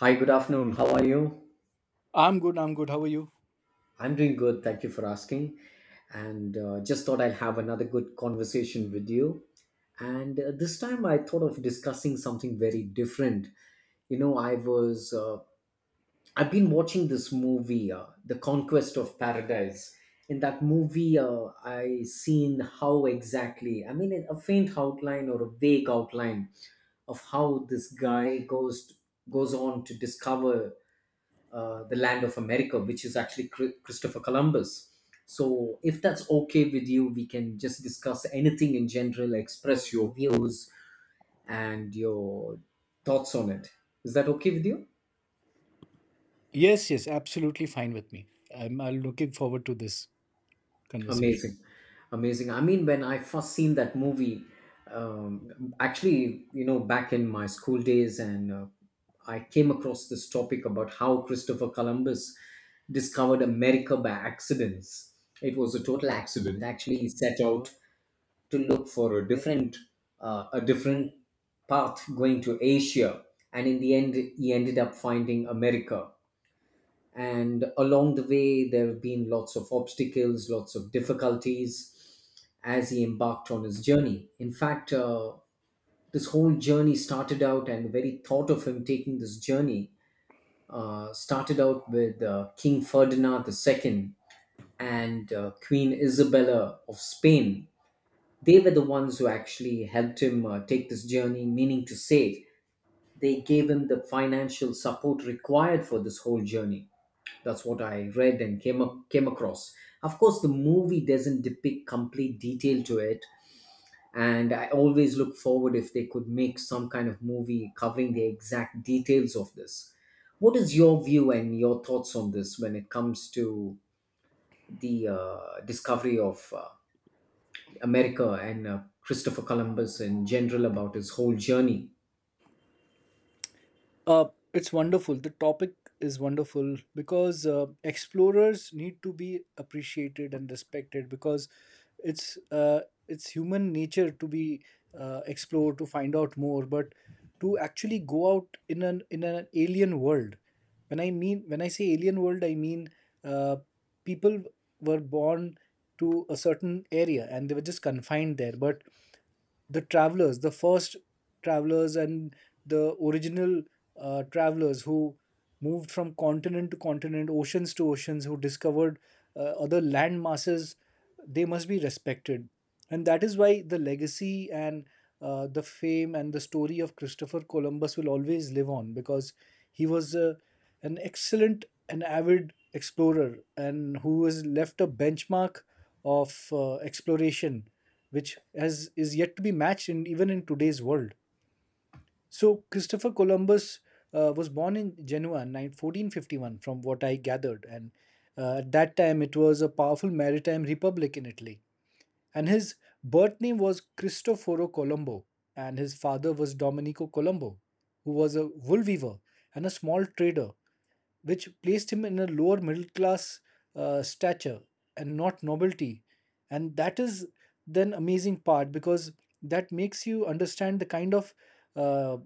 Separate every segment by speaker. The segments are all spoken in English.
Speaker 1: Hi, good afternoon. How are you?
Speaker 2: I'm good. I'm good. How are you?
Speaker 1: I'm doing good. Thank you for asking. And Just thought I'll have another good conversation with you. And This time I thought of discussing something very different. You know, I was, uh, I've been watching this movie, The Conquest of Paradise. In that movie, I seen how exactly, I mean, a faint outline or a vague outline of how this guy goes on to discover the land of America, which is actually Christopher Columbus. So, if that's okay with you, we can just discuss anything in general, express your views and your thoughts on it. Is that okay with you?
Speaker 2: Yes, yes, absolutely fine with me. I'm looking forward to this conversation.
Speaker 1: Amazing, amazing. I mean, when I first seen that movie, actually, you know, back in my school days, and I came across this topic about how Christopher Columbus discovered America by accidents. It was a total accident. Actually, he set out to look for a different uh, a different path going to Asia, and in the end he ended up finding America. And along the way there have been lots of obstacles, lots of difficulties as he embarked on his journey. In fact, this whole journey started out, and the very thought of him taking this journey started out with King Ferdinand II and Queen Isabella of Spain. They were the ones who actually helped him take this journey, meaning to say, they gave him the financial support required for this whole journey. That's what I read and came across. Of course, the movie doesn't depict complete detail to it, and I always look forward if they could make some kind of movie covering the exact details of this. What is your view and your thoughts on this when it comes to the discovery of America and Christopher Columbus in general about his whole journey?
Speaker 2: Uh, it's wonderful. The topic is wonderful because explorers need to be appreciated and respected because it's uh, it's human nature to be explore to find out more, but to actually go out in an alien world. When I mean when I say alien world, I mean uh, people were born to a certain area and they were just confined there, but the travelers, the first travelers, and the original travelers who moved from continent to continent, oceans to oceans, who discovered other land masses, they must be respected. And that is why the legacy and the fame and the story of Christopher Columbus will always live on because he was an excellent and avid explorer and who has left a benchmark of exploration which has is yet to be matched in even in today's world. So Christopher Columbus was born in Genoa in 9 1451, from what I gathered, and at that time it was a powerful maritime republic in Italy. And his birth name was Cristoforo Colombo, and his father was Domenico Colombo, who was a wool weaver and a small trader, which placed him in a lower middle class stature and not nobility. And that is then amazing part because that makes you understand the kind of uh,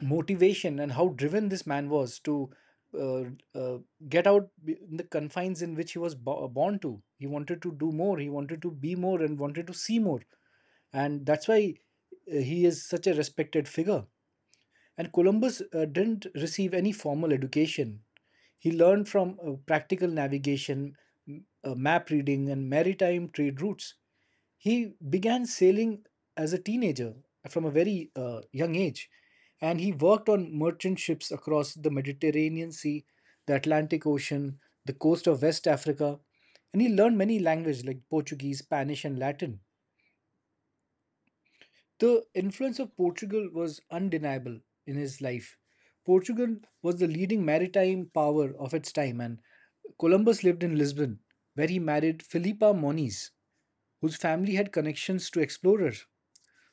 Speaker 2: motivation and how driven this man was to uh, uh, get in the confines in which he was born to. He wanted to do more, he wanted to be more, and wanted to see more. And that's why he is such a respected figure. And Columbus didn't receive any formal education. He learned from practical navigation, map reading, and maritime trade routes. He began sailing as a teenager from a very young age, and he worked on merchant ships across the Mediterranean Sea, the Atlantic Ocean, the coast of West Africa, and he learned many languages like Portuguese, Spanish, and Latin. The influence of Portugal was undeniable in his life. Portugal was the leading maritime power of its time, and Columbus lived in Lisbon, where he married Filipa Moniz, whose family had connections to explorers.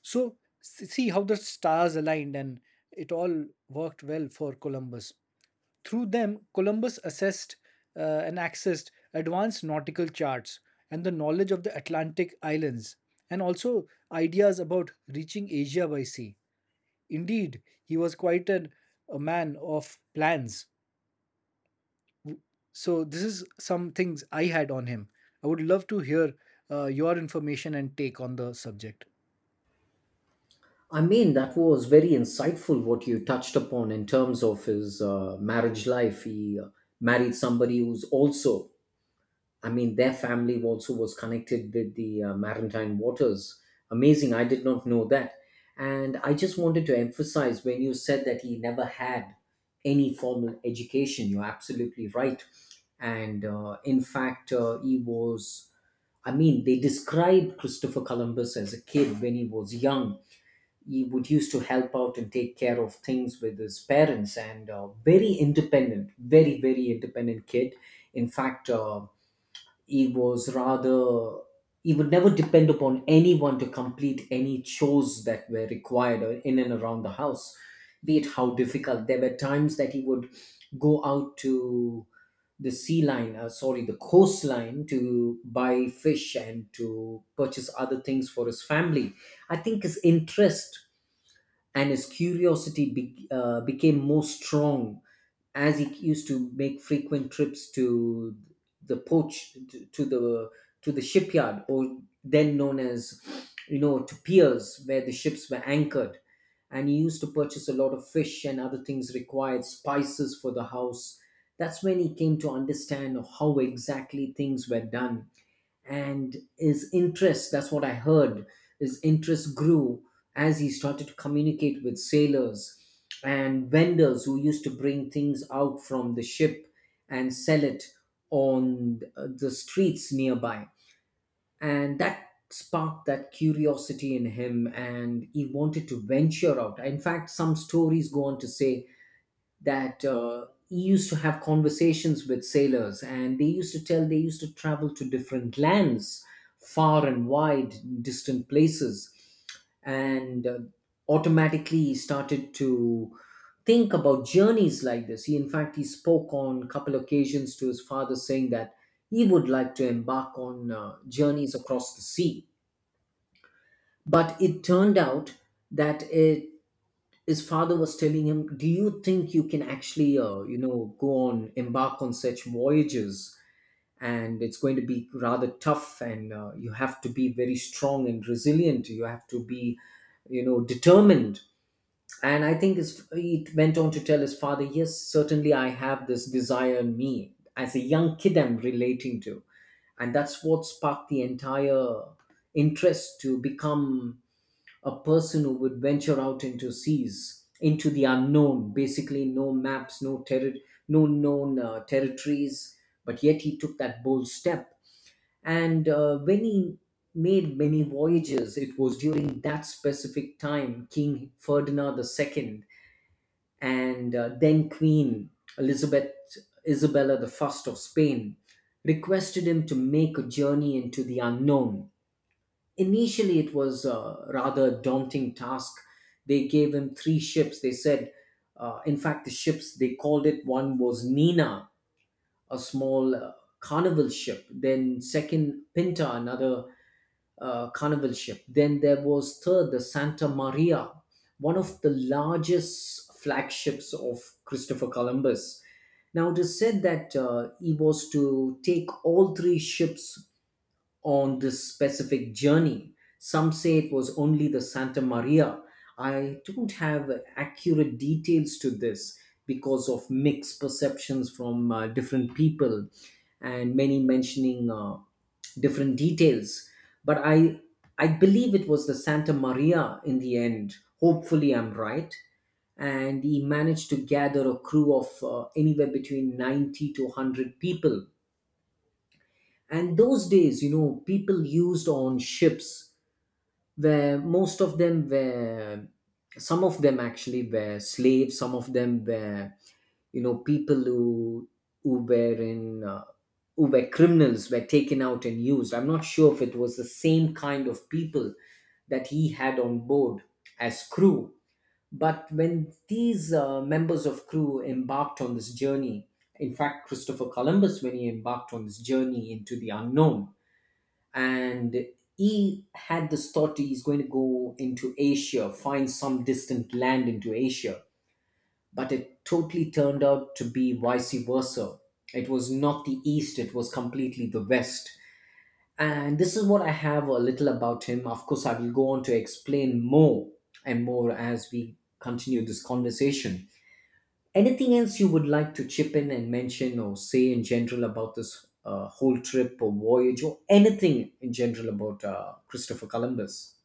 Speaker 2: So, see how the stars aligned, and it all worked well for Columbus. Through them, Columbus assessed and accessed advanced nautical charts and the knowledge of the Atlantic islands, and also ideas about reaching Asia by sea. Indeed, he was a man of plans. So, this is some things I had on him. I would love to hear your information and take on the subject.
Speaker 1: I mean, that was very insightful what you touched upon in terms of his marriage life. He married somebody who's also, I mean, their family also was connected with the maritime waters. Amazing. I did not know that. And I just wanted to emphasize when you said that he never had any formal education, you're absolutely right. And in fact, he was I mean, they describe Christopher Columbus as a kid when he was young. He would used to help out and take care of things with his parents, and very independent, very independent kid. In fact, he was rather he would never depend upon anyone to complete any chores that were required in and around the house, be it how difficult. There were times that he would go out to the sea line sorry the coastline to buy fish and to purchase other things for his family. I think his interest and his curiosity became more strong as he used to make frequent trips to the port, to the shipyard, or then known as, you know, to piers where the ships were anchored. And he used to purchase a lot of fish and other things required, spices for the house. That's when he came to understand how exactly things were done. And his interest, that's what I heard, his interest grew as he started to communicate with sailors and vendors who used to bring things out from the ship and sell it on the streets nearby. And that sparked that curiosity in him, and he wanted to venture out. In fact, some stories go on to say that he used to have conversations with sailors, and they used to travel to different lands, far and wide, distant places. And Automatically he started to think about journeys like this. He In fact, he spoke on a couple occasions to his father saying that he would like to embark on journeys across the sea. But it turned out that it his father was telling him, "Do you think you can actually, you know, go on embark on such voyages? And it's going to be rather tough, and you have to be very strong and resilient. You have to be, you know, determined." And I think he went on to tell his father, "Yes, certainly, I have this desire in me. As a young kid, I'm relating to." And that's what sparked the entire interest to become a person who would venture out into seas, into the unknown. Basically no maps, no known territories, but yet he took that bold step. And when he made many voyages, it was during that specific time King Ferdinand II and then queen elizabeth Isabella I of Spain requested him to make a journey into the unknown. Initially, it was a rather daunting task. They gave him three ships. They said, in fact, the ships, they called it, one was Nina, a small carnival ship. Then, second, Pinta, another carnival ship. Then there was third, the Santa Maria, one of the largest flagships of Christopher Columbus. Now, it is said that he was to take all three ships on this specific journey. Some say it was only the Santa Maria. I don't have accurate details to this because of mixed perceptions from different people and many mentioning different details. But I believe it was the Santa Maria in the end. Hopefully, I'm right. And he managed to gather a crew of anywhere between 90 to 100 people. And those days, you know, people used on ships, where most of them were, some of them actually were slaves, some of them were, you know, people who were in, who were criminals, were taken out and used. I'm not sure if it was the same kind of people that he had on board as crew. But when these members of crew embarked on this journey, in fact Christopher Columbus, when he embarked on this journey into the unknown, and he had this thought he's going to go into Asia, find some distant land into Asia, but it totally turned out to be vice versa. It was not the East, it was completely the West. And this is what I have a little about him. Of course, I will go on to explain more and more as we continue this conversation. Anything else you would like to chip in and mention or say in general about this whole trip or voyage, or anything in general about Christopher Columbus?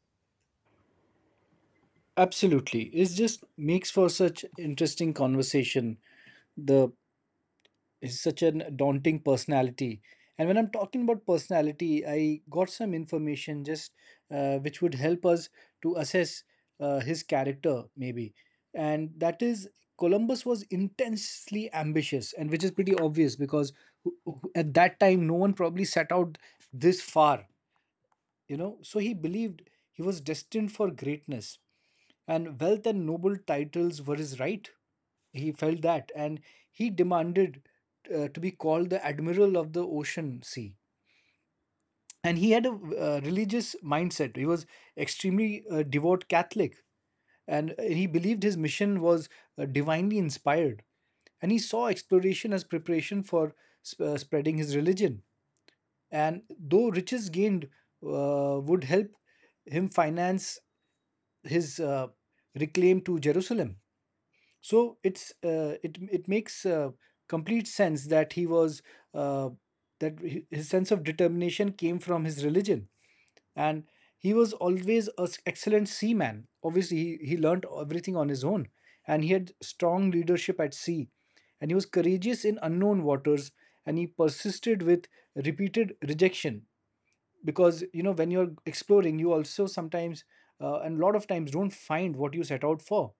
Speaker 2: Absolutely. It just makes for such interesting conversation. The is such a daunting personality. And when I'm talking about personality, I got some information just which would help us to assess his character, maybe. And that is Columbus was intensely ambitious, and which is pretty obvious because at that time, no one probably set out this far, you know. So he believed he was destined for greatness and wealth and noble titles were his right. He felt that, and he demanded to be called the admiral of the ocean sea. And he had a religious mindset. He was extremely devout Catholic, and he believed his mission was divinely inspired. And he saw exploration as preparation for spreading his religion. And though riches gained would help him finance his reclaim to Jerusalem, so it makes complete sense that he was uh, his sense of determination came from his religion. And he was always an excellent seaman. Obviously he learned everything on his own, and he had strong leadership at sea, and he was courageous in unknown waters, and he persisted with repeated rejection because you know when you're exploring you also sometimes and a lot of times don't find what you set out for.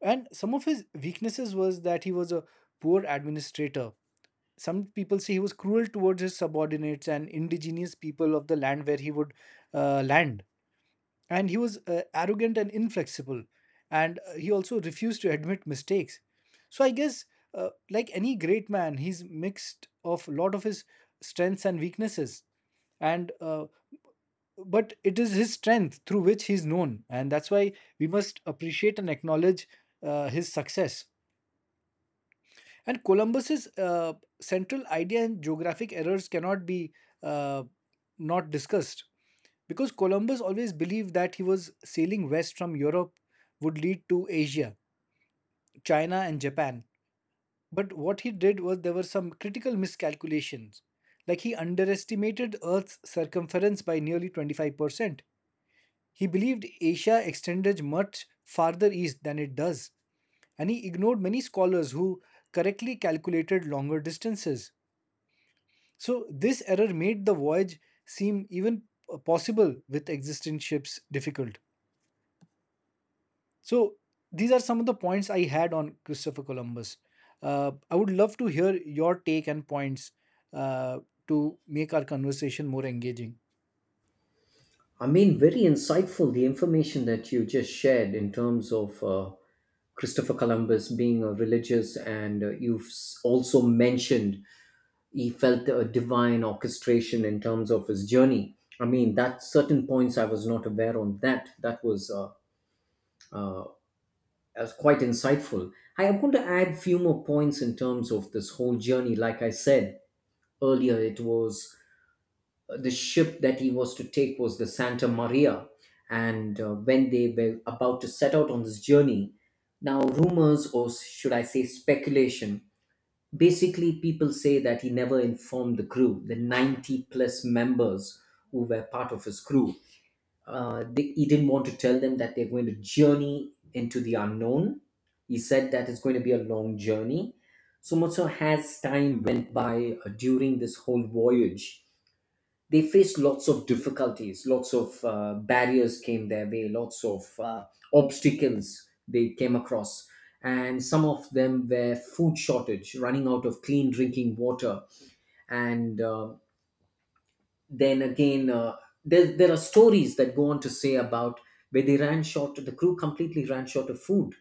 Speaker 2: And some of his weaknesses was that he was a poor administrator. Some people say he was cruel towards his subordinates and indigenous people of the land where he would land. And he was arrogant and inflexible. And he also refused to admit mistakes. So I guess, like any great man, he's mixed of a lot of his strengths and weaknesses, and but it is his strength through which he's known, and that's why we must appreciate and acknowledge his success. And Columbus's central idea and geographic errors cannot be uh, not discussed because Columbus always believed that he was sailing west from Europe would lead to Asia, China, and Japan. But what he did was there were some critical miscalculations, like he underestimated Earth's circumference by nearly 25%. He believed Asia extended much farther east than it does, and he ignored many scholars who correctly calculated longer distances. So, this error made the voyage seem even possible with existing ships difficult. So, these are some of the points I had on Christopher Columbus. I would love to hear your take and points uh, to make our conversation more engaging.
Speaker 1: I mean, very insightful, the information that you just shared in terms of Christopher Columbus being a religious, and also mentioned he felt a divine orchestration in terms of his journey. I mean, that certain points I was not aware on that. That was as quite insightful. I am going to add few more points in terms of this whole journey. Like I said earlier, it was the ship that he was to take was the Santa Maria, and when they were about to set out on this journey, now rumors, or should I say speculation. Basically, people say that he never informed the crew, the 90 plus members who were part of his crew, he didn't want to tell them that they're going to journey into the unknown. He said that it's going to be a long journey. So much so, as time went by, during this whole voyage, they faced lots of difficulties, lots of barriers came their way, lots of obstacles they came across. And some of them were food shortage, running out of clean drinking water, and then again there, there are stories that go on to say about where they ran short, the crew completely ran short of food.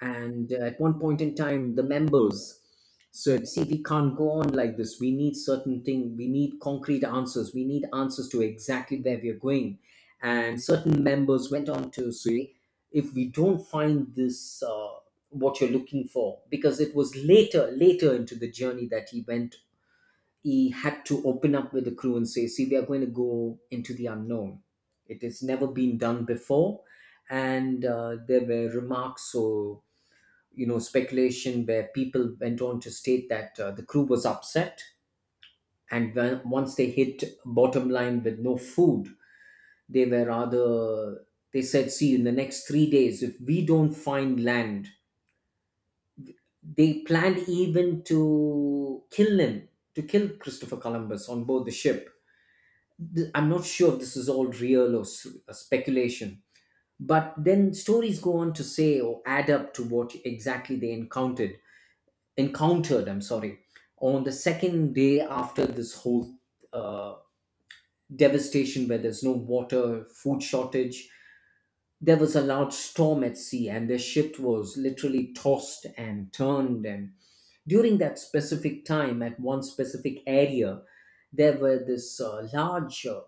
Speaker 1: And at one point in time, the members said, see, we can't go on like this, we need certain thing, we need concrete answers, we need answers to exactly where we are going. And certain members went on to say, if we don't find this, what you're looking for. Because it was later into the journey that he had to open up with the crew and say, see, we are going to go into the unknown. It has never been done before. And there were remarks, or, you know, speculation where people went on to state that the crew was upset. And once they hit bottom line with no food, they were rather, they said, see, in the next 3 days, if we don't find land, they planned even to kill him, to kill Christopher Columbus on board the ship. I'm not sure if this is all real or speculation. But then stories go on to say or add up to what exactly they encountered, I'm sorry, on the second day after this whole uh, devastation, where there's no water, food shortage, there was a large storm at sea, and their ship was literally tossed and turned. And during that specific time, at one specific area, there were this large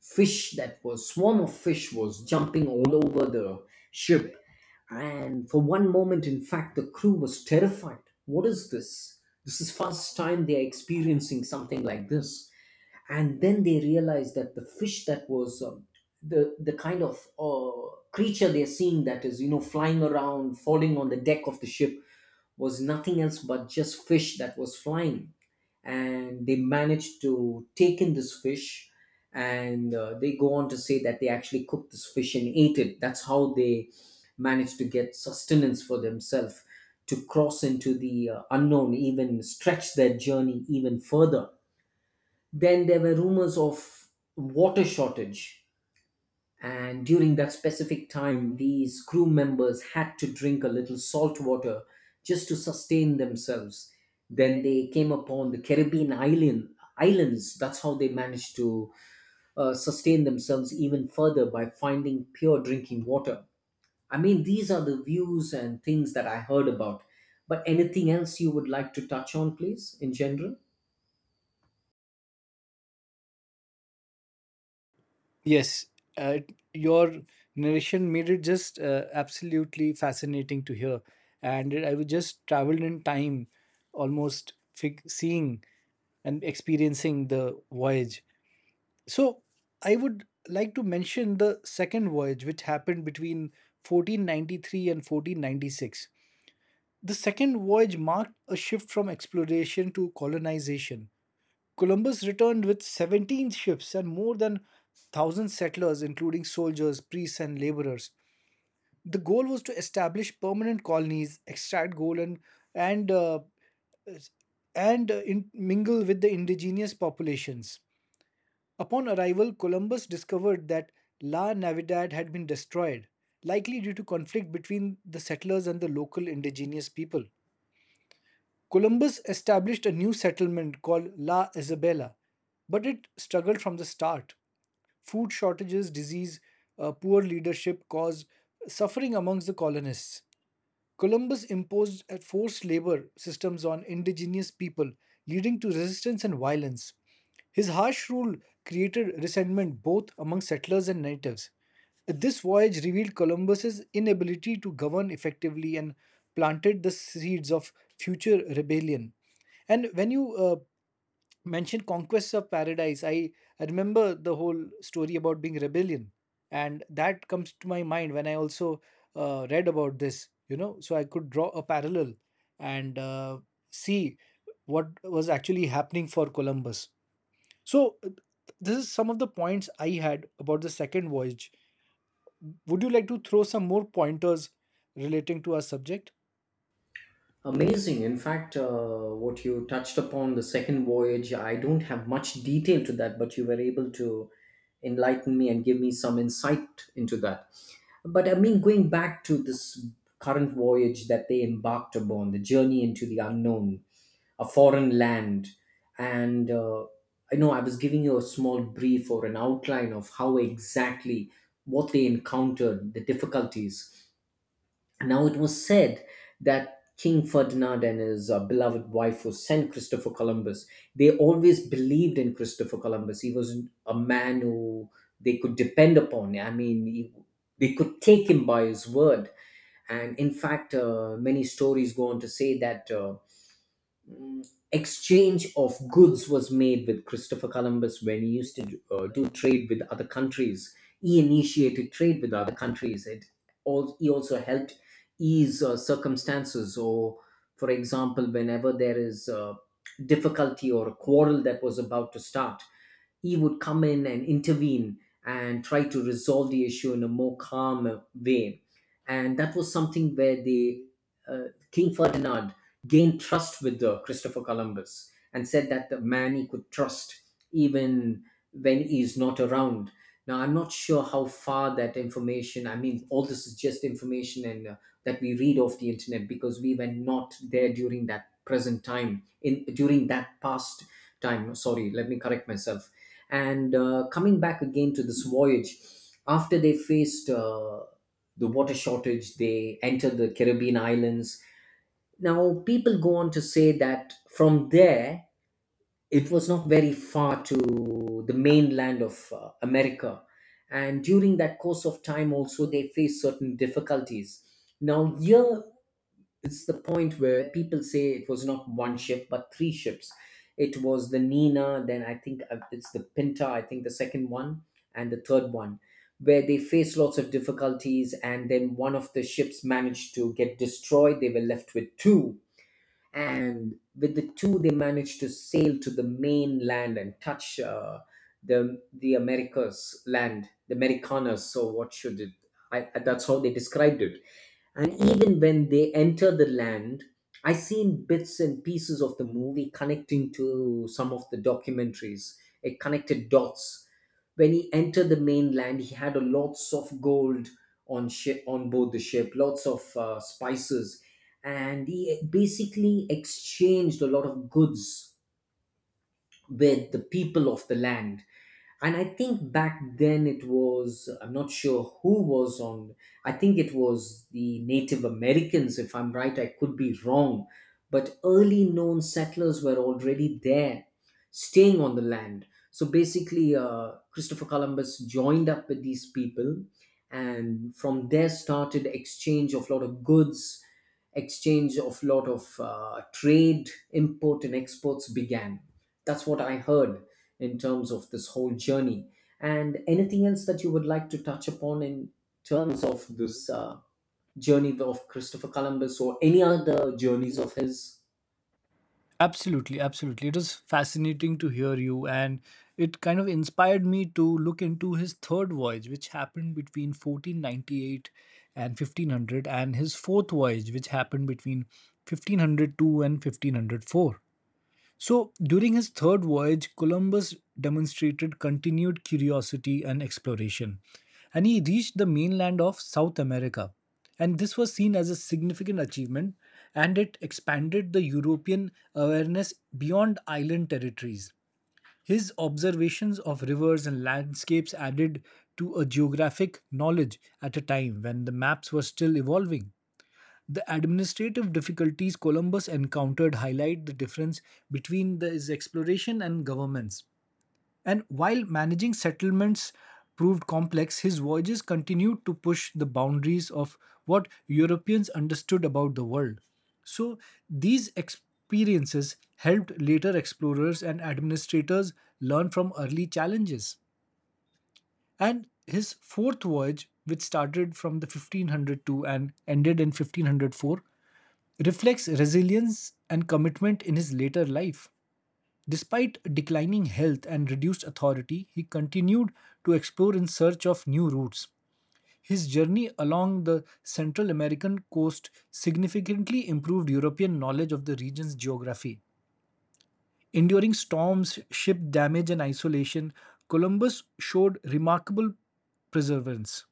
Speaker 1: fish that was swarm of fish was jumping all over the ship. And for one moment, in fact, the crew was terrified. What is this? This is first time they are experiencing something like this. And then they realized that the fish that was the kind of creature they're seeing, that is, you know, flying around falling on the deck of the ship, was nothing else but just fish that was flying. And they managed to take in this fish, and they go on to say that they actually cooked this fish and ate it. That's how they managed to get sustenance for themselves to cross into the unknown, even stretch their journey even further. Then there were rumors of water shortage, and during that specific time these crew members had to drink a little salt water just to sustain themselves. Then they came upon the Caribbean islands. That's how they managed to sustain themselves even further by finding pure drinking water. I mean, these are the views and things that I heard about, but anything else you would like to touch on, please, in general?
Speaker 2: Yes, uh, your narration made it just absolutely fascinating to hear, and I was just traveled in time, almost seeing and experiencing the voyage. So I would like to mention the second voyage, which happened between 1493 and 1496. The second voyage marked a shift from exploration to colonization. Columbus returned with 17 ships and more than 1,000 settlers, including soldiers, priests, and laborers. The goal was to establish permanent colonies, extract gold, and, uh, and mingle with the indigenous populations. Upon arrival, Columbus discovered that La Navidad had been destroyed, likely due to conflict between the settlers and the local indigenous people. Columbus established a new settlement called La Isabela, but it struggled from the start. Food shortages, disease, poor leadership caused suffering amongst the colonists. Columbus imposed a forced labor systems on indigenous people, leading to resistance and violence. His harsh rule created resentment both among settlers and natives. This voyage revealed Columbus's inability to govern effectively and planted the seeds of future rebellion. And when you mentioned Conquest of Paradise, I remember the whole story about being rebellion, and that comes to my mind when I also read about this, you know, so I could draw a parallel. And see what was actually happening for Columbus. So this is some of the points I had about the second voyage. Would you like to throw some more pointers relating to our subject?
Speaker 1: Amazing. In fact, what you touched upon the second voyage, I don't have much detail to that, but you were able to enlighten me and give me some insight into that. But I mean, going back to this current voyage that they embarked upon, the journey into the unknown, a foreign land, and I know I was giving you a small brief or an outline of how exactly what they encountered, the difficulties. Now it was said that King Ferdinand and his beloved wife who sent Christopher Columbus, they always believed in Christopher Columbus. He was a man who they could depend upon. I mean, they could take him by his word. And in fact, many stories go on to say that. Exchange of goods was made with Christopher Columbus when he used to do trade with other countries. He initiated trade with other countries. He also helped ease circumstances. Or, for example, whenever there is a difficulty or a quarrel that was about to start, he would come in and intervene and try to resolve the issue in a more calm way. And that was something where the uh, King Ferdinand gained trust with Christopher Columbus and said that the man he could trust even when he's not around. Now, I'm not sure how far that information, I mean, all this is just information, and that we read off the internet, because we were not there during that present time, in during that past time. Sorry, let me correct myself. And coming back again to this voyage, after they faced the water shortage, they entered the Caribbean islands. Now, people go on to say that from there, it was not very far to the mainland of America. And during that course of time, also, they faced certain difficulties. Now, here this is the point where people say it was not one ship but three ships. It was the Nina, then I think it's the Pinta, I think the second one, and the third one, where they faced lots of difficulties, and then one of the ships managed to get destroyed. They were left with two, and with the two, they managed to sail to the mainland and touch the Americas land, the Americanas. So what should it? I, that's how they described it. And even when they enter the land, I seen bits and pieces of the movie connecting to some of the documentaries. It connected dots. When he entered the mainland, he had a lots of gold on board the ship, lots of spices, and he basically exchanged a lot of goods with the people of the land. And I think back then it was, I'm not sure who was on, I think it was the Native Americans, if I'm right, I could be wrong. But early known settlers were already there, staying on the land. So basically, Christopher Columbus joined up with these people, and from there started exchange of lot of goods, exchange of lot of trade, import and exports began. That's what I heard in terms of this whole journey. And anything else that you would like to touch upon in terms of this journey of Christopher Columbus or any other journeys of his?
Speaker 2: Absolutely, absolutely. It was fascinating to hear you, and it kind of inspired me to look into his third voyage, which happened between 1498 and 1500, and his fourth voyage, which happened between 1502 and 1504. So, during his third voyage, Columbus demonstrated continued curiosity and exploration, and he reached the mainland of South America. And this was seen as a significant achievement, and it expanded the European awareness beyond island territories. His observations of rivers and landscapes added to a geographic knowledge at a time when the maps were still evolving. The administrative difficulties Columbus encountered highlight the difference between his exploration and governments. And while managing settlements proved complex, his voyages continued to push the boundaries of what Europeans understood about the world. So these experiences helped later explorers and administrators learn from early challenges. And his fourth voyage, which started from the 1502 and ended in 1504, reflects resilience and commitment in his later life. Despite declining health and reduced authority, he continued to explore in search of new routes. His journey along the Central American coast significantly improved European knowledge of the region's geography. Enduring storms, ship damage, and isolation, Columbus showed remarkable perseverance.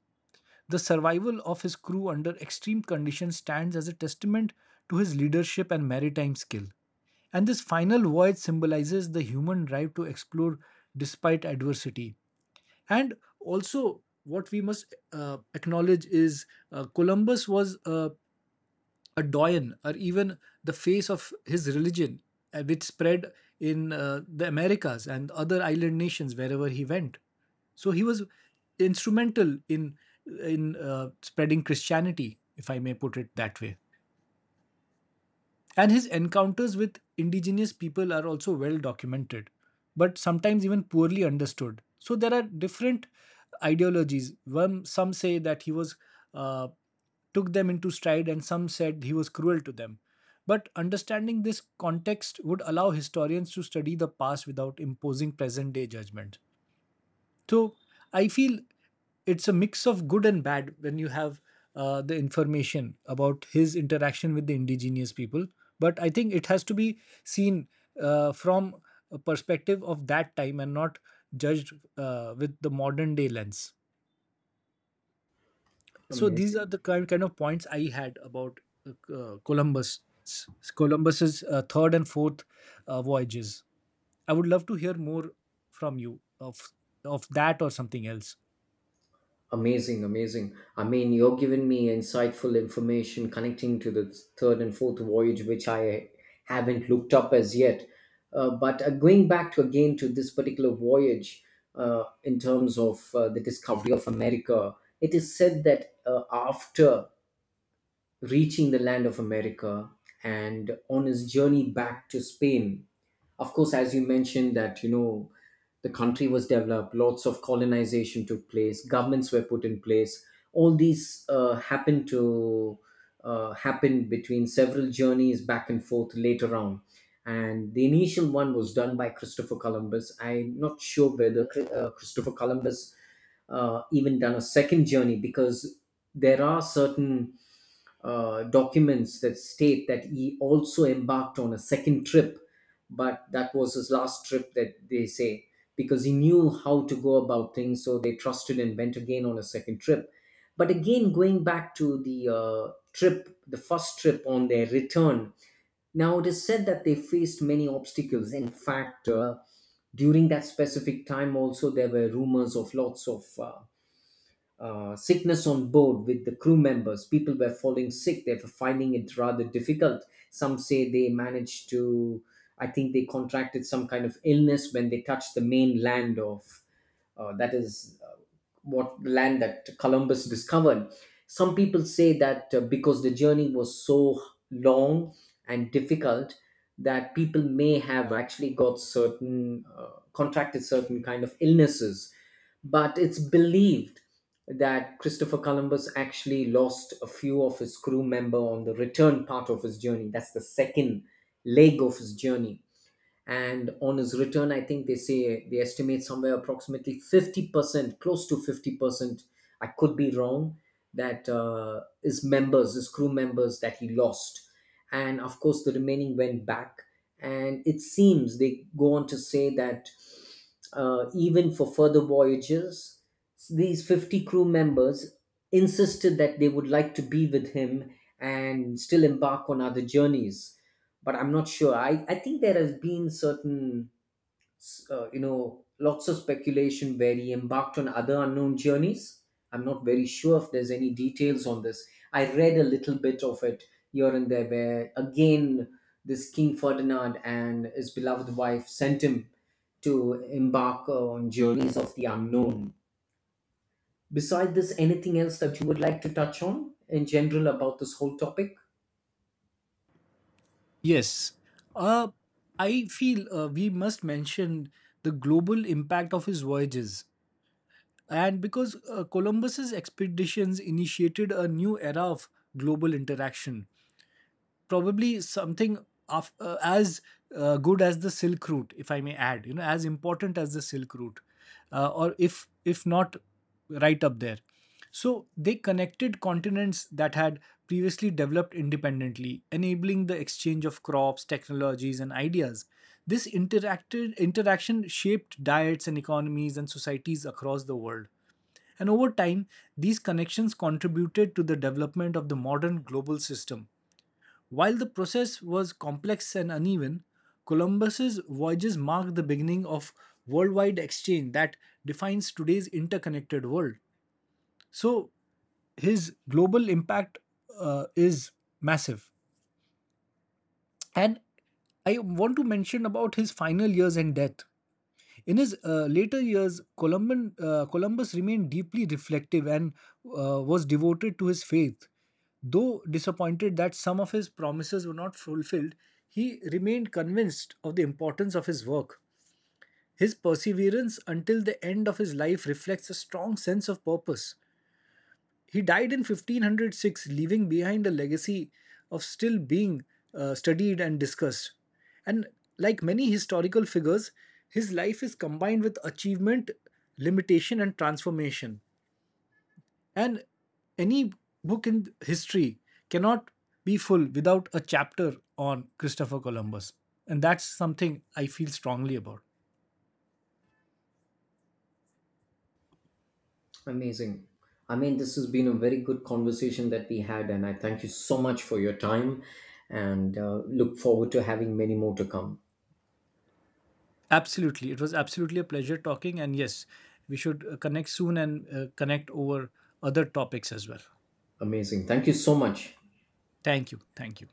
Speaker 2: The survival of his crew under extreme conditions stands as a testament to his leadership and maritime skill. And this final voyage symbolizes the human drive to explore despite adversity. And also, what we must acknowledge is Columbus was a doyen or even the face of his religion, which spread in the Americas and other island nations wherever he went. So he was instrumental in spreading Christianity, if I may put it that way. And his encounters with indigenous people are also well documented, but sometimes even poorly understood. So there are different ideologies. One, some say that he was uh, took them into stride, and some said he was cruel to them. But understanding this context would allow historians to study the past without imposing present day judgment. So I feel it's a mix of good and bad when you have the information about his interaction with the indigenous people. But I think it has to be seen from a perspective of that time and not judged with the modern day lens. So these
Speaker 1: Amazing.
Speaker 2: are the kind of points I had about uh, Columbus, Columbus's third and fourth voyages. I would love to hear more from you of that or something else.
Speaker 1: Amazing, amazing. I mean, you're giving me insightful information connecting to the third and fourth voyage, which I haven't looked up as yet. But going back to again to this particular voyage, in terms of the discovery of America, it is said that after reaching the land of America and on his journey back to Spain, of course, as you mentioned, that you know the country was developed, lots of colonization took place, governments were put in place. All these happened to happen between several journeys back and forth later on. And the initial one was done by Christopher Columbus. I'm not sure whether Christopher Columbus even done a second journey, because there are certain documents that state that he also embarked on a second trip, but that was his last trip, that they say, because he knew how to go about things, so they trusted and went again on a second trip. But again going back to the trip the first trip, on their return, now it is said that they faced many obstacles. In fact, during that specific time also there were rumors of lots of sickness on board with the crew members. People were falling sick. They were finding it rather difficult. Some say they managed to, I think they contracted some kind of illness when they touched the mainland of that is what land that Columbus discovered. Some people say that because the journey was so long and difficult that people may have actually got certain contracted certain kind of illnesses, but it's believed that Christopher Columbus actually lost a few of his crew member on the return part of his journey, that's the second leg of his journey. And on his return, I think they say they estimate somewhere approximately 50% close to 50%, I could be wrong, that his crew members that he lost. And of course the remaining went back. And it seems they go on to say that even for further voyages these 50 crew members insisted that they would like to be with him and still embark on other journeys. But I'm not sure, I think there has been certain you know, lots of speculation where he embarked on other unknown journeys. I'm not very sure if there's any details on this. I read a little bit of it here and there, where again this King Ferdinand and his beloved wife sent him to embark on journeys of the unknown. Besides this, anything else that you would like to touch on in general about this whole topic?
Speaker 2: Yes. Uh, I feel we must mention the global impact of his voyages. And because Columbus's expeditions initiated a new era of global interaction, probably something of, as good as the Silk Route, if I may add, you know, as important as the Silk Route, or if not right up there. So they connected continents that had previously developed independently, enabling the exchange of crops, technologies, and ideas. This interacted interaction shaped diets and economies and societies across the world, and over time these connections contributed to the development of the modern global system. While the process was complex and uneven, Columbus's voyages marked the beginning of worldwide exchange that defines today's interconnected world. So his global impact is massive. And I want to mention about his final years and death. In his later years, Columbus remained deeply reflective and was devoted to his faith. Though disappointed that some of his promises were not fulfilled, he remained convinced of the importance of his work. His perseverance until the end of his life reflects a strong sense of purpose. He died in 1506, leaving behind a legacy of still being studied and discussed. And like many historical figures, his life is combined with achievement, limitation, and transformation. And any book in history cannot be full without a chapter on Christopher Columbus. And that's something I feel strongly about.
Speaker 1: Amazing. I mean, this has been a very good conversation that we had, and I thank you so much for your time, and look forward to having many more to come.
Speaker 2: Absolutely. It was absolutely a pleasure talking. And yes, we should connect soon and connect over other topics as well.
Speaker 1: Amazing. Thank you so much.
Speaker 2: Thank you. Thank you.